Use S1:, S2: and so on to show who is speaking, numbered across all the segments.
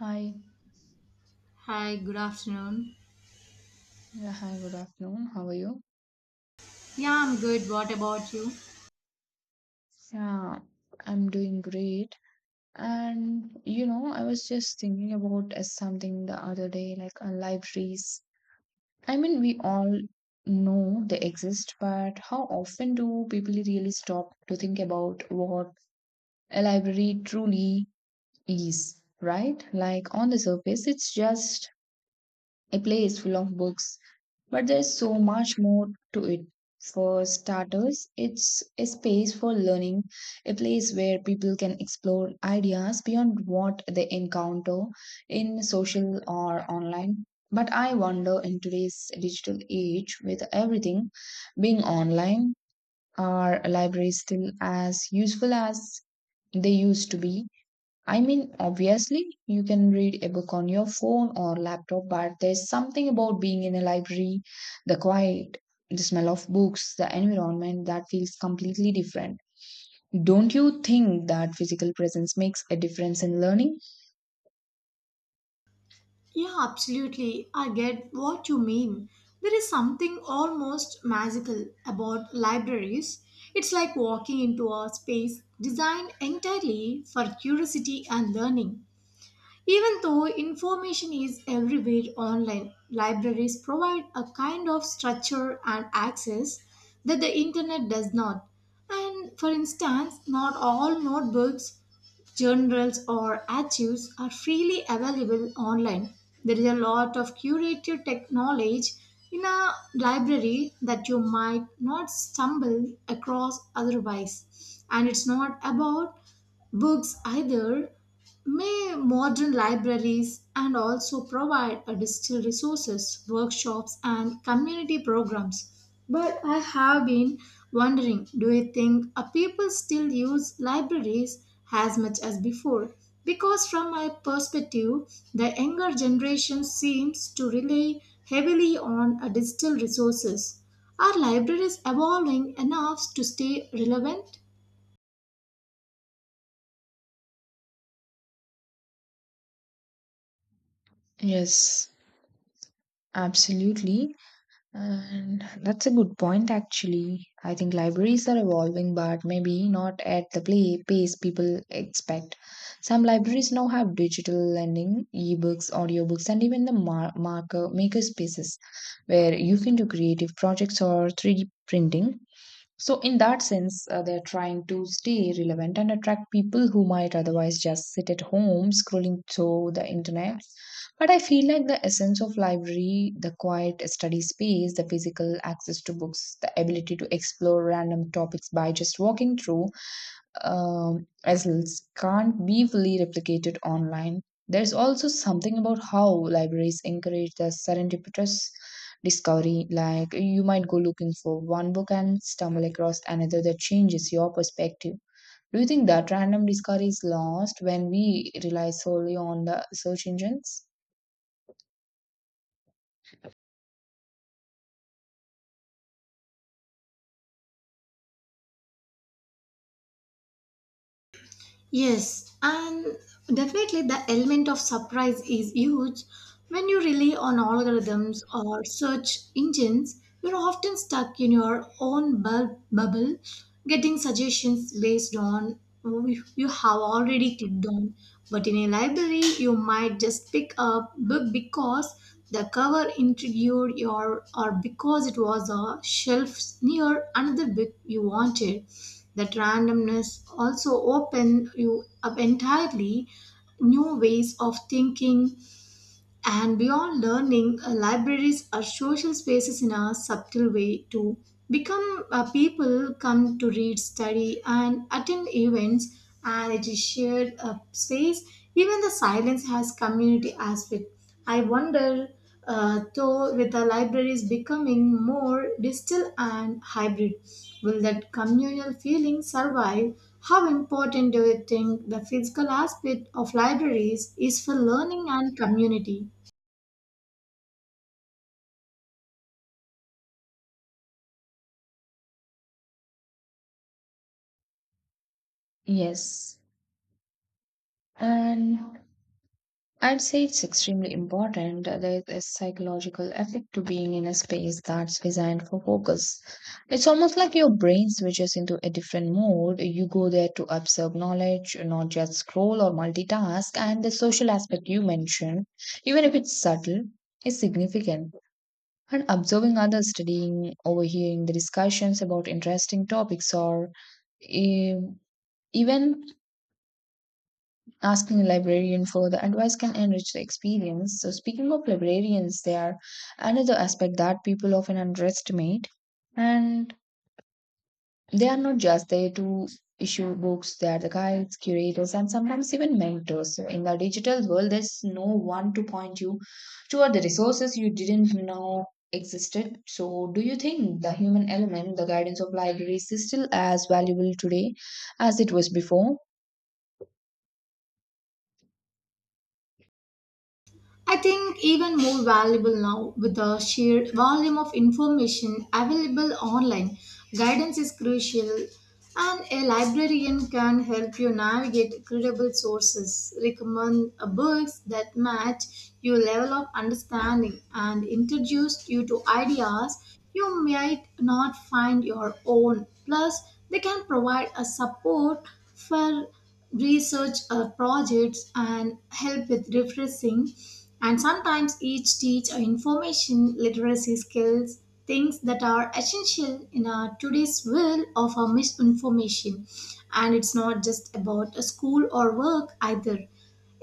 S1: Hi.
S2: Hi, good afternoon.
S1: Yeah, hi, good afternoon. How are you?
S2: Yeah, I'm good. What about you?
S1: Yeah, I'm doing great. And you know, I was just thinking about something the other day, like libraries. I mean, we all know they exist, but how often do people really stop to think about what a library truly is, right? Like on the surface, it's just a place full of books, but there's so much more to it. For starters, it's a space for learning, a place where people can explore ideas beyond what they encounter in social or online. But I wonder in today's digital age, with everything being online, are libraries still as useful as they used to be? I mean, obviously, you can read a book on your phone or laptop, but there's something about being in a library, the quiet, the smell of books, the environment that feels completely different. Don't you think that physical presence makes a difference in learning?
S2: Yeah, absolutely. I get what you mean. There is something almost magical about libraries. It's like walking into a space designed entirely for curiosity and learning. Even though information is everywhere online, libraries provide a kind of structure and access that the internet does not. And for instance, not all notebooks, journals, or archives are freely available online. There is a lot of curated tech knowledge in a library that you might not stumble across otherwise. And it's not about books either may modern libraries and also provide a digital resources, workshops, and community programs. But I have been wondering, do you think people still use libraries as much as before? Because, from my perspective, the younger generation seems to rely heavily on digital resources. Are libraries evolving enough to stay relevant?
S1: Yes, absolutely. And that's a good point, actually. I think libraries are evolving, but maybe not at the play pace people expect. Some libraries now have digital lending, ebooks, audiobooks, and even the marker maker spaces where you can do creative projects or 3D printing. So, in that sense, they're trying to stay relevant and attract people who might otherwise just sit at home scrolling through the internet. But I feel like the essence of library, the quiet study space, the physical access to books, the ability to explore random topics by just walking through, um, as l- can't be fully replicated online. There's also something about how libraries encourage the serendipitous discovery. Like you might go looking for one book and stumble across another that changes your perspective. Do you think that random discovery is lost when we rely solely on the search engines?
S2: Yes, and definitely the element of surprise is huge. When you rely on algorithms or search engines, you're often stuck in your own bubble, getting suggestions based on what you have already clicked on. But in a library, you might just pick up book because the cover intrigued you, or because it was a shelf near another book you wanted. That randomness also opened you up entirely new ways of thinking. And beyond learning, libraries are social spaces in a subtle way too. Become people come to read, study, and attend events, and it is shared space. Even the silence has community aspect. I wonder, though, with the libraries becoming more digital and hybrid, will that communal feeling survive? How important do you think the physical aspect of libraries is for learning and community?
S1: Yes. And I'd say it's extremely important. There is a psychological effect to being in a space that's designed for focus. It's almost like your brain switches into a different mode. You go there to absorb knowledge, not just scroll or multitask. And the social aspect you mentioned, even if it's subtle, is significant. And observing others, studying, overhearing the discussions about interesting topics, or eh, even asking a librarian for the advice can enrich the experience. So, speaking of librarians, they are another aspect that people often underestimate. And they are not just there to issue books, they are the guides, curators, and sometimes even mentors. So, in the digital world, there's no one to point you toward the resources you didn't know existed. So, do you think the human element, the guidance of libraries, is still as valuable today as it was before?
S2: I think even more valuable now with the sheer volume of information available online. Guidance is crucial, and a librarian can help you navigate credible sources, recommend books that match your level of understanding, and introduce you to ideas you might not find your own. Plus, they can provide a support for research projects and help with refreshing and sometimes each teach information literacy skills, things that are essential in our today's world of our misinformation. And it's not just about a school or work either,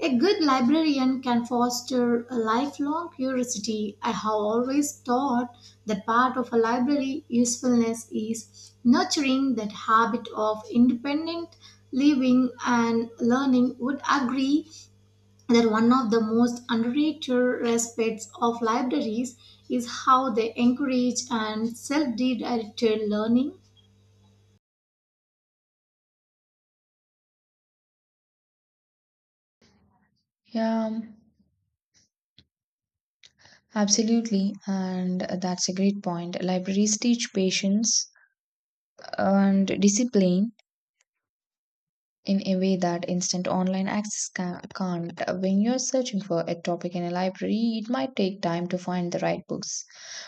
S2: a good librarian can foster a lifelong curiosity. I have always thought that part of a library usefulness is nurturing that habit of independent living and learning. Would agree that one of the most underrated aspects of libraries is how they encourage and self-directed learning.
S1: Yeah. Absolutely, and that's a great point. Libraries teach patience and discipline in a way that instant online access can't. When you're searching for a topic in a library, it might take time to find the right books,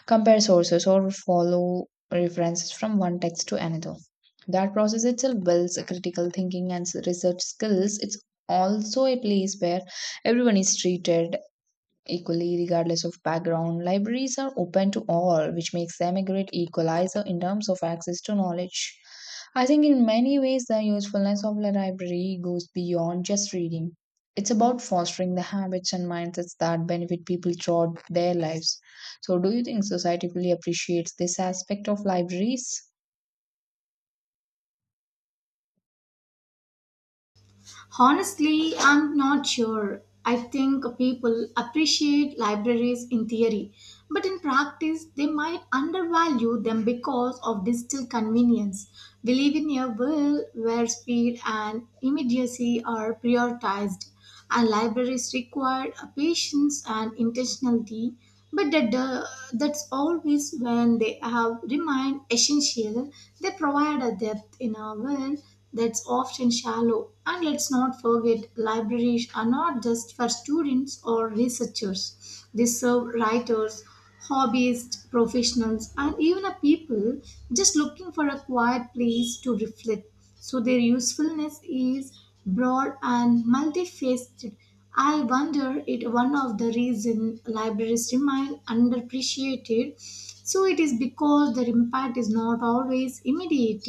S1: compare sources, or follow references from one text to another. That process itself builds critical thinking and research skills. It's also a place where everyone is treated equally, regardless of background, libraries are open to all, which makes them a great equalizer in terms of access to knowledge. I think in many ways, the usefulness of the library goes beyond just reading. It's about fostering the habits and mindsets that benefit people throughout their lives. So, do you think society fully appreciates this aspect of libraries?
S2: Honestly, I'm not sure. I think people appreciate libraries in theory, but in practice, they might undervalue them because of digital convenience. We live in a world where speed and immediacy are prioritized, and libraries require a patience and intentionality, but that's always when they have remained essential. They provide a depth in our world that's often shallow. And let's not forget, libraries are not just for students or researchers. They serve writers, hobbyists, professionals, and even a people just looking for a quiet place to reflect. So their usefulness is broad and multifaceted. I wonder it one of the reason libraries remain underappreciated. So it is because their impact is not always immediate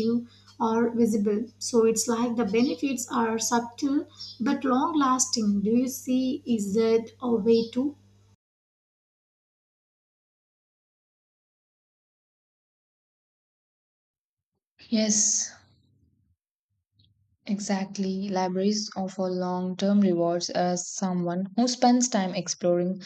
S2: or visible. So it's like the benefits are subtle but long lasting. Do you see is that a way too?
S1: Yes, exactly. Libraries offer long term rewards as someone who spends time exploring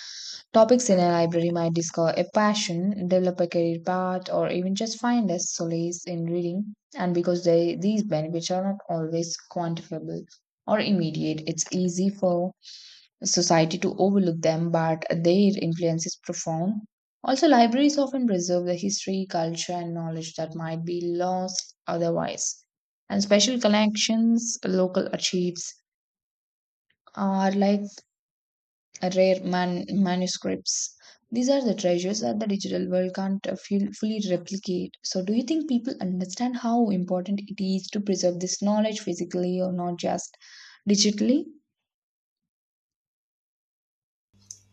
S1: topics in a library might discover a passion, develop a career path, or even just find a solace in reading. And because these benefits are not always quantifiable or immediate, it's easy for society to overlook them, but their influence is profound. Also, libraries often preserve the history, culture, and knowledge that might be lost otherwise. And special collections, local archives are like rare manuscripts. These are the treasures that the digital world can't feel fully replicate. So, do you think people understand how important it is to preserve this knowledge physically or not just digitally?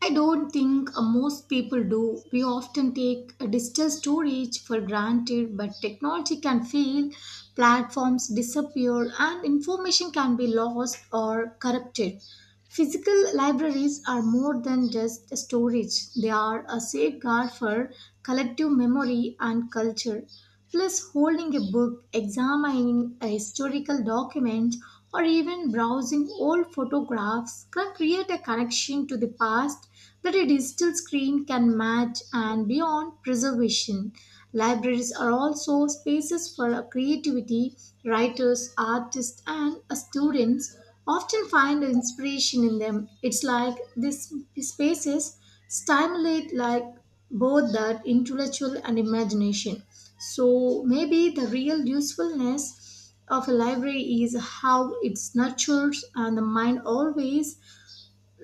S2: I don't think most people do. We often take digital storage for granted, but technology can fail, platforms disappear, and information can be lost or corrupted. Physical libraries are more than just storage, they are a safeguard for collective memory and culture. Plus, holding a book, examining a historical document, or even browsing old photographs can create a connection to the past that a digital screen can match. And beyond preservation, libraries are also spaces for creativity. Writers, artists, and students often find inspiration in them. It's like these spaces stimulate like both that intellectual and imagination. So maybe the real usefulness of a library is how it nurtures and the mind always,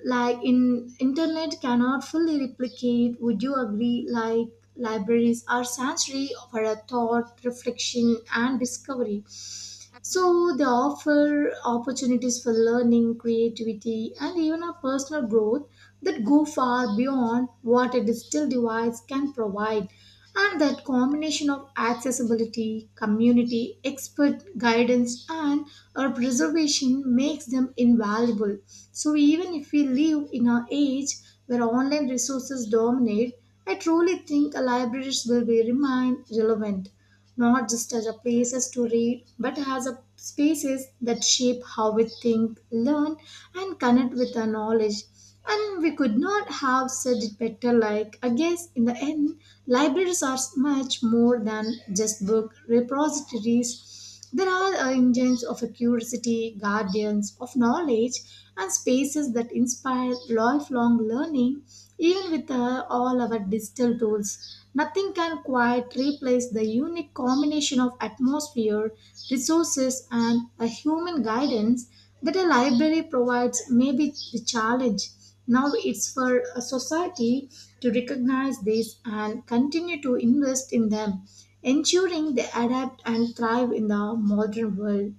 S2: like in internet cannot fully replicate. Would you agree like libraries are sanctuary for a thought reflection and discovery, so they offer opportunities for learning, creativity, and even a personal growth that go far beyond what a digital device can provide. And that combination of accessibility, community, expert guidance, and our preservation makes them invaluable. So even if we live in an age where online resources dominate, I truly think libraries will be remain relevant, not just as a places to read, but as a spaces that shape how we think, learn, and connect with our knowledge. And we could not have said it better. Like I guess in the end, libraries are much more than just book repositories. There are engines of curiosity, guardians of knowledge, and spaces that inspire lifelong learning, even with all our digital tools. Nothing can quite replace the unique combination of atmosphere, resources, and a human guidance that a library provides. May be the challenge now it's for a society to recognize this and continue to invest in them, ensuring they adapt and thrive in the modern world.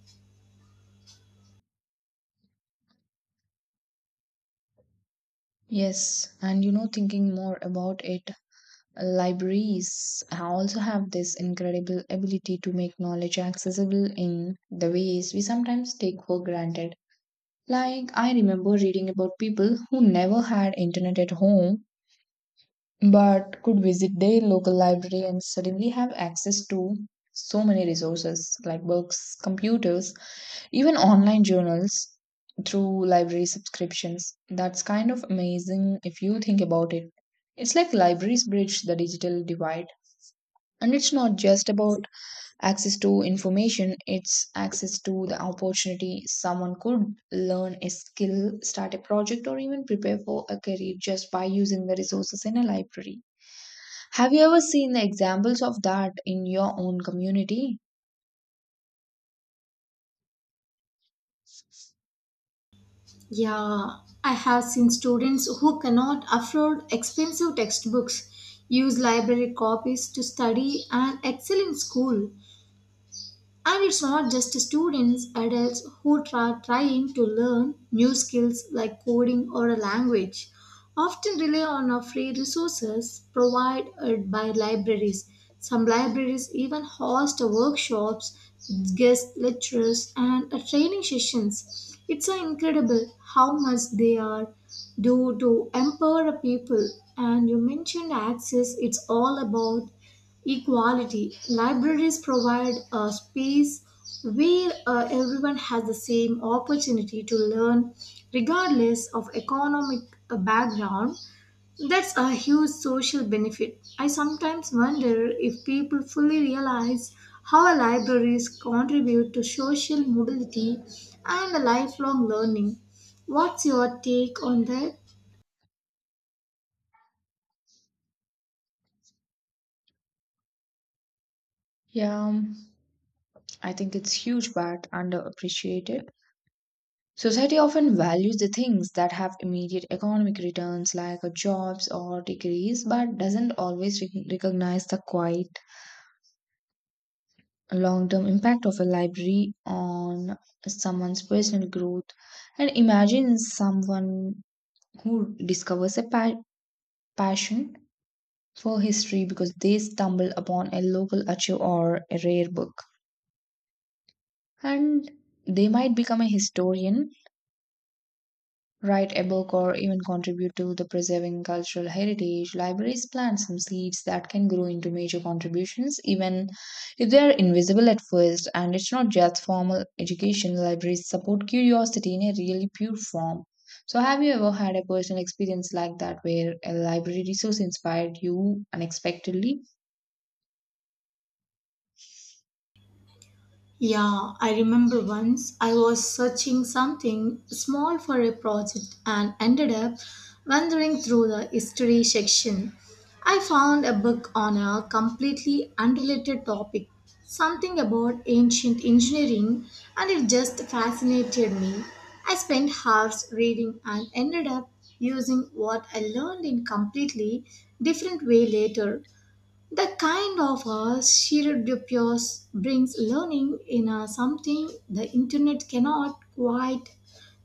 S1: Yes, and you know, thinking more about it, libraries also have this incredible ability to make knowledge accessible in the ways we sometimes take for granted. Like, I remember reading about people who never had internet at home but could visit their local library and suddenly have access to so many resources like books, computers, even online journals through library subscriptions. That's kind of amazing if you think about it. It's like libraries bridge the digital divide. And it's not just about access to information, it's access to the opportunity. Someone could learn a skill, start a project, or even prepare for a career just by using the resources in a library. Have you ever seen the examples of that in your own community?
S2: Yeah, I have seen students who cannot afford expensive textbooks use library copies to study and excel in school. And it's not just students, adults who are trying to learn new skills like coding or a language often rely on our free resources provided by libraries. Some libraries even host workshops, guest lectures, and training sessions. It's incredible how much they are do to empower people. And you mentioned access, it's all about equality. Libraries provide a space where everyone has the same opportunity to learn, regardless of economic background. That's a huge social benefit. I sometimes wonder if people fully realize how libraries contribute to social mobility and lifelong learning. What's your take on that?
S1: Yeah, I think it's huge but underappreciated. Society often values the things that have immediate economic returns like jobs or degrees but doesn't always recognize the quiet long term impact of a library on someone's personal growth. And imagine someone who discovers a passion for history because they stumble upon a local archive or a rare book, and they might become a historian, write a book, or even contribute to the preserving cultural heritage. Libraries plant some seeds that can grow into major contributions, even if they are invisible at first. And it's not just formal education, libraries support curiosity in a really pure form. So have you ever had a personal experience like that, where a library resource inspired you unexpectedly?
S2: Yeah, I remember once I was searching something small for a project and ended up wandering through the history section. I found a book on a completely unrelated topic, something about ancient engineering, and it just fascinated me. I spent hours reading and ended up using what I learned in completely different way later. The kind of a shared dupes brings learning in a something the internet cannot quite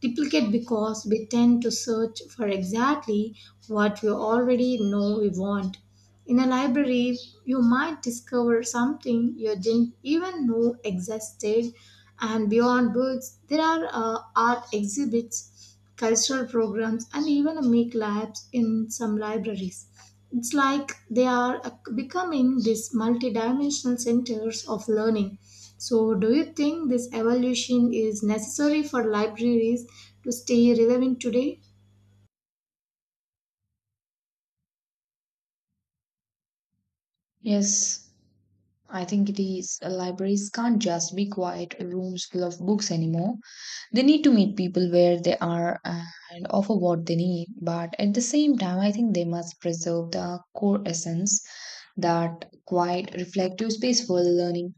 S2: duplicate because we tend to search for exactly what we already know we want. In a library, you might discover something you didn't even know existed, and beyond books, there are art exhibits, cultural programs, and even a make labs in some libraries. It's like they are becoming these multidimensional centers of learning. So, do you think this evolution is necessary for libraries to stay relevant today?
S1: Yes, I think it is. Libraries can't just be quiet rooms full of books anymore. They need to meet people where they are and offer what they need. But at the same time, I think they must preserve the core essence, that quiet, reflective, space for learning.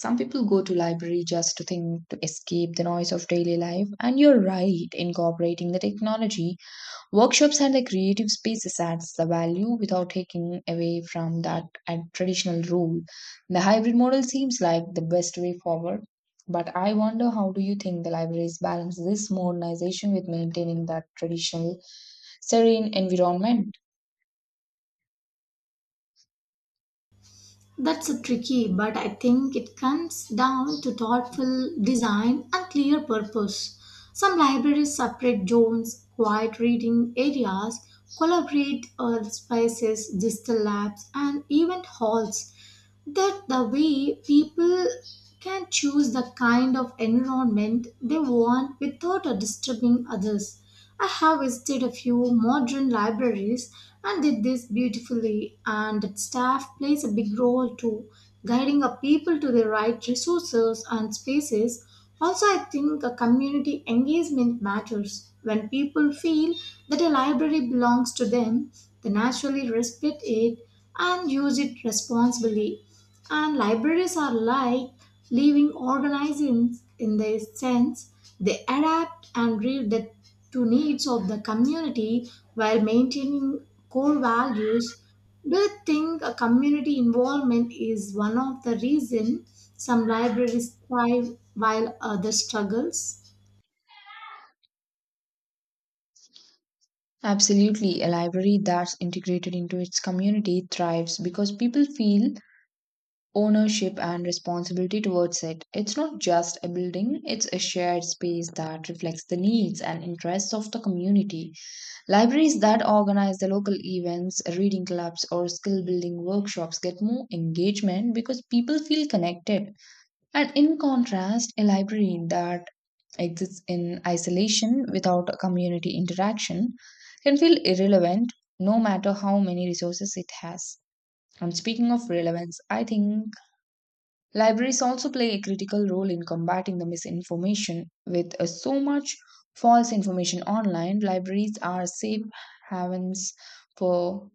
S1: Some people go to library just to think, to escape the noise of daily life. And you're right, incorporating the technology workshops and the creative spaces adds the value without taking away from that and traditional role. The hybrid model seems like the best way forward. But I wonder, how do you think the libraries balance this modernization with maintaining that traditional serene environment?
S2: That's a tricky, but I think it comes down to thoughtful design and clear purpose. Some libraries separate zones, quiet reading areas, collaborate spaces, digital labs, and event halls, that the way people can choose the kind of environment they want without disturbing others. I have visited a few modern libraries and did this beautifully, and the staff plays a big role too, guiding people to the right resources and spaces. Also, I think a community engagement matters. When people feel that a library belongs to them, they naturally respect it and use it responsibly. And libraries are like living organisms in their sense, they adapt and read the to needs of the community while maintaining core values. Do you think a community involvement is one of the reasons some libraries thrive while others struggles?
S1: Absolutely. A library that's integrated into its community thrives because people feel ownership and responsibility towards it. It's not just a building, it's a shared space that reflects the needs and interests of the community. Libraries that organize the local events, reading clubs, or skill building workshops get more engagement because people feel connected. And in contrast, a library that exists in isolation without a community interaction can feel irrelevant no matter how many resources it has. And speaking of relevance, I think libraries also play a critical role in combating the misinformation. With so much false information online, libraries are safe havens for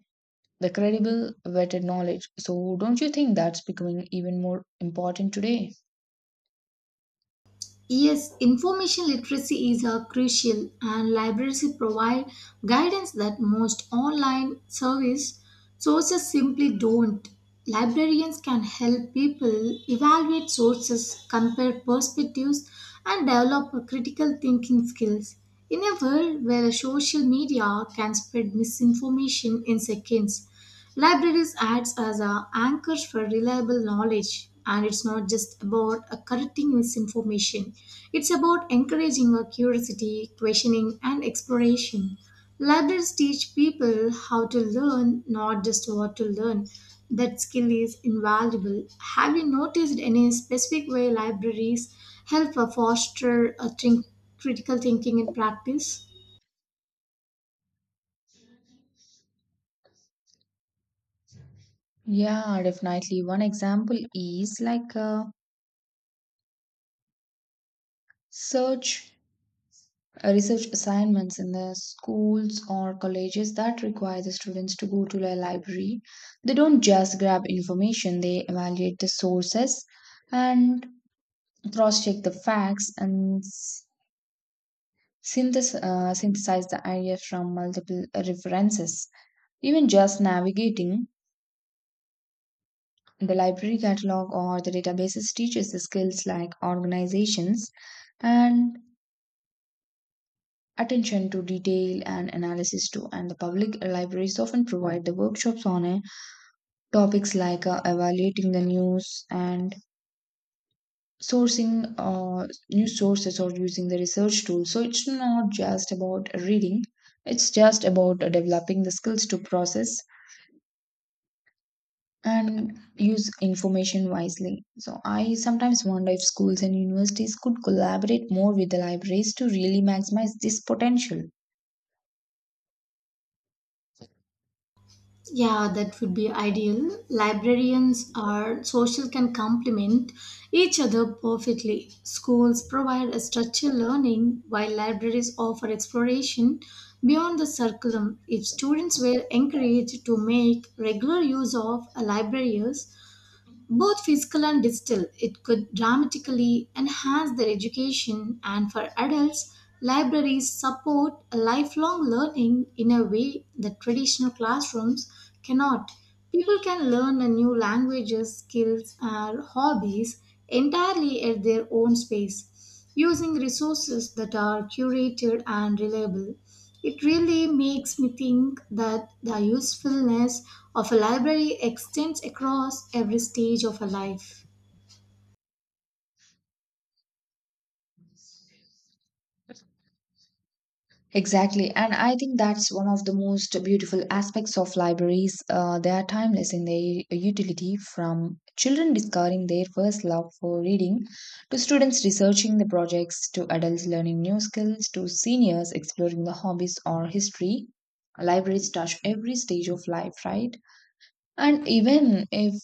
S1: the credible, vetted knowledge. So, don't you think that's becoming even more important today?
S2: Yes, information literacy is a crucial and libraries provide guidance that most online service sources simply don't. Librarians can help people evaluate sources, compare perspectives and develop critical thinking skills. In a world where social media can spread misinformation in seconds, libraries acts as a anchors for reliable knowledge. And it's not just about correcting misinformation. It's about encouraging our curiosity, questioning and exploration. Libraries teach people how to learn, not just what to learn. That skill is invaluable. Have you noticed any specific way libraries help foster critical thinking in practice?
S1: Yeah, definitely. One example is like search research assignments in the schools or colleges that require the students to go to the library. They don't just grab information, they evaluate the sources and cross check the facts and synthesize the ideas from multiple references. Even just navigating the library catalog or the databases teaches the skills like organizations and attention to detail and analysis too. And the public libraries often provide the workshops on topics like evaluating the news and sourcing uh, news sources or using the research tools. So it's not just about reading, it's just about developing the skills to process and use information wisely. So I sometimes wonder if schools and universities could collaborate more with the libraries to really maximize this potential.
S2: Yeah, that would be ideal. Librarians or social can complement each other perfectly. Schools provide a structured learning while libraries offer exploration beyond the curriculum. If students were encouraged to make regular use of a library, both physical and digital, it could dramatically enhance their education, and for adults, libraries support lifelong learning in a way that traditional classrooms cannot. People can learn a new languages, skills, or hobbies entirely at their own space using resources that are curated and reliable. It really makes me think that the usefulness of a library extends across every stage of a life.
S1: Exactly. And I think that's one of the most beautiful aspects of libraries. They are timeless in their utility from children discovering their first love for reading, to students researching the projects, to adults learning new skills, to seniors exploring the hobbies or history. Libraries touch every stage of life, right? And even if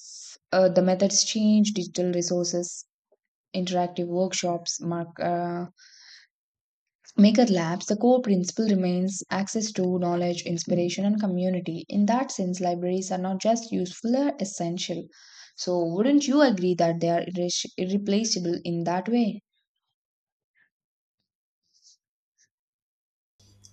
S1: the methods change, digital resources, interactive workshops, Maker Labs, the core principle remains access to knowledge, inspiration, and community. In that sense, libraries are not just useful, they are essential. So, wouldn't you agree that they are irreplaceable in that way?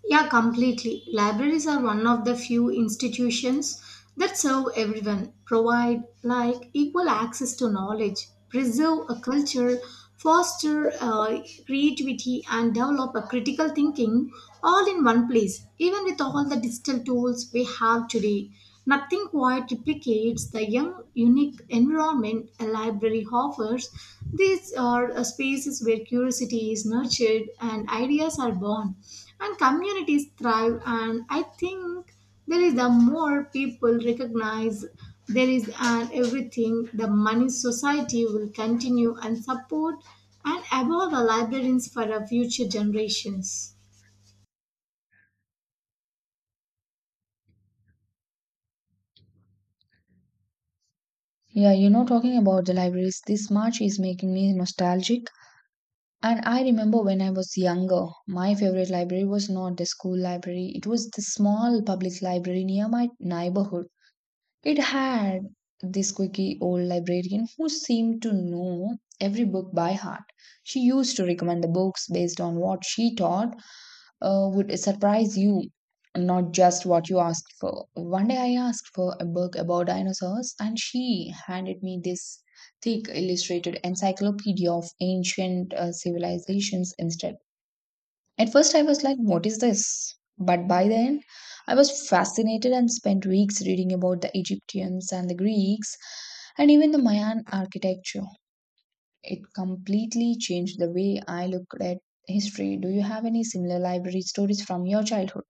S2: Yeah, completely. Libraries are one of the few institutions that serve everyone, provide like equal access to knowledge, preserve a culture, foster creativity, and develop a critical thinking all in one place, even with all the digital tools we have today. Nothing quite replicates the young, unique environment a library offers. These are spaces where curiosity is nurtured and ideas are born, and communities thrive. And I think there is the more people recognize there is an everything, the money society will continue and support and evolve the librarians for our future generations.
S1: Yeah, you know, talking about the libraries, this March is making me nostalgic. And I remember when I was younger, my favorite library was not the school library, it was the small public library near my neighborhood. It had this quirky old librarian who seemed to know every book by heart. She used to recommend the books based on what she thought would surprise you, not just what you asked for. One day I asked for a book about dinosaurs, and she handed me this thick illustrated encyclopedia of ancient civilizations instead. At first, I was like, what is this? But by the end, I was fascinated and spent weeks reading about the Egyptians and the Greeks and even the Mayan architecture. It completely changed the way I looked at history. Do you have any similar library stories from your childhood?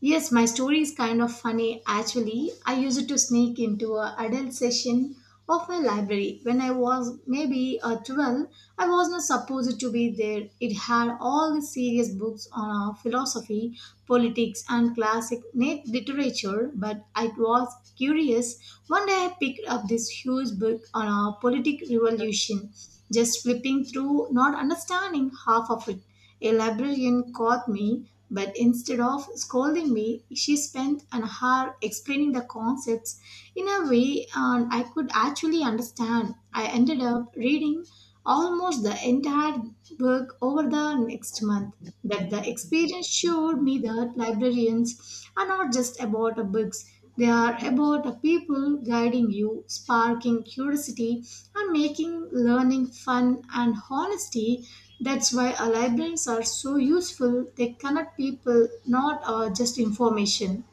S2: Yes, my story is kind of funny actually. I used to sneak into a adult session of my library when I was maybe 12. I was not supposed to be there. It had all the serious books on philosophy, politics, and classic literature, but I was curious. One day I picked up this huge book on a politic revolution, just flipping through, not understanding half of it. A librarian caught me, but instead of scolding me, she spent an hour explaining the concepts in a way and I could actually understand. I ended up reading almost the entire book over the next month. That the experience showed me that librarians are not just about a books, they are about a people guiding you, sparking curiosity, and making learning fun and honesty. That's why our librarians are so useful. They connect people, not just information.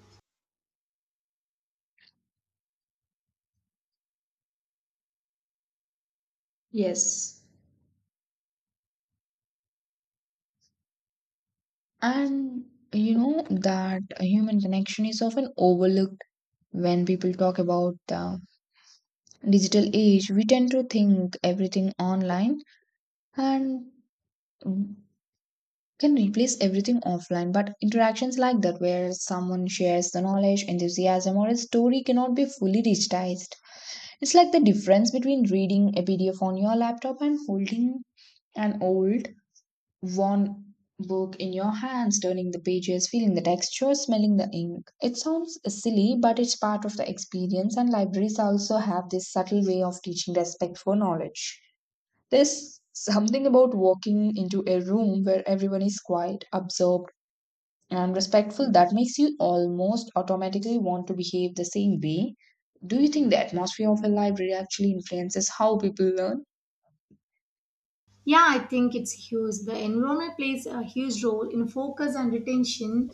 S1: Yes. And you know that human connection is often overlooked when people talk about the digital age. We tend to think everything online, and can replace everything offline, but interactions like that, where someone shares the knowledge, enthusiasm, or a story, cannot be fully digitized. It's like the difference between reading a PDF on your laptop and holding an old, worn book in your hands, turning the pages, feeling the texture, smelling the ink. It sounds silly, but it's part of the experience, and libraries also have this subtle way of teaching respect for knowledge. There's something about walking into a room where everyone is quiet, absorbed, and respectful that makes you almost automatically want to behave the same way. Do you think the atmosphere of a library actually influences how people learn?
S2: Yeah, I think it's huge. The environment plays a huge role in focus and retention.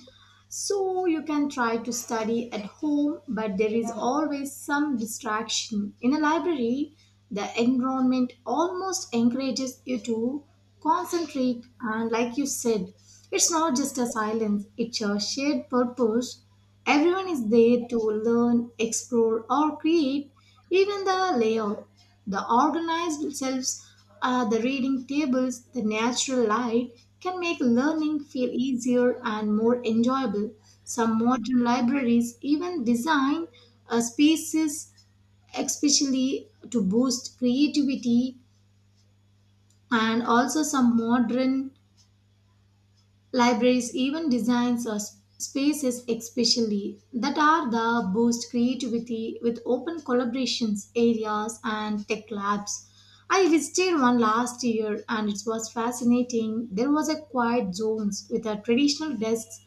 S2: So you can try to study at home, but there is always some distraction. In a library, the environment almost encourages you to concentrate, and like you said, it's not just a silence, it's a shared purpose. Everyone is there to learn, explore, or create. Even the layout, the organized shelves, the reading tables, the natural light can make learning feel easier and more enjoyable. Some modern libraries even design spaces especially to boost creativity, and also some modern libraries even designs or spaces especially that are the boost creativity with open collaborations areas and tech labs. I visited one last year and it was fascinating. There was a quiet zones with a traditional desks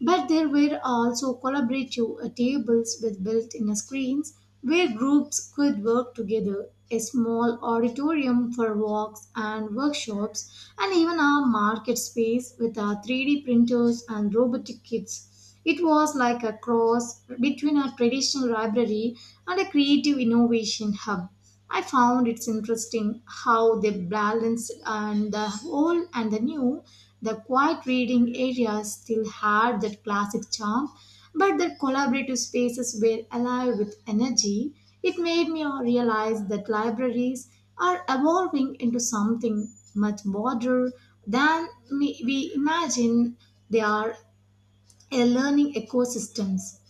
S2: but there were also collaborative tables with built in screens where groups could work together, a small auditorium for walks and workshops, and even a market space with our 3D printers and robotic kits. It was like a cross between a traditional library and a creative innovation hub. I found it's interesting how they balanced and the old and the new. The quiet reading areas still had that classic charm, but the collaborative spaces were alive with energy. It made me realize that libraries are evolving into something much broader than we imagine. They are a learning ecosystems.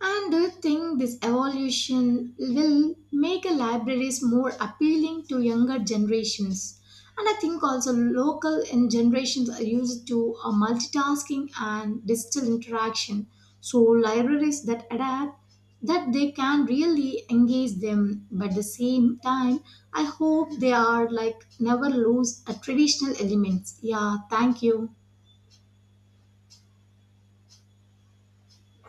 S2: And do you think this evolution will make a libraries more appealing to younger generations? And I think also local and generations are used to multitasking and digital interaction. So libraries that adapt that they can really engage them, but at the same time I hope they are like never lose a traditional elements. Yeah, thank you.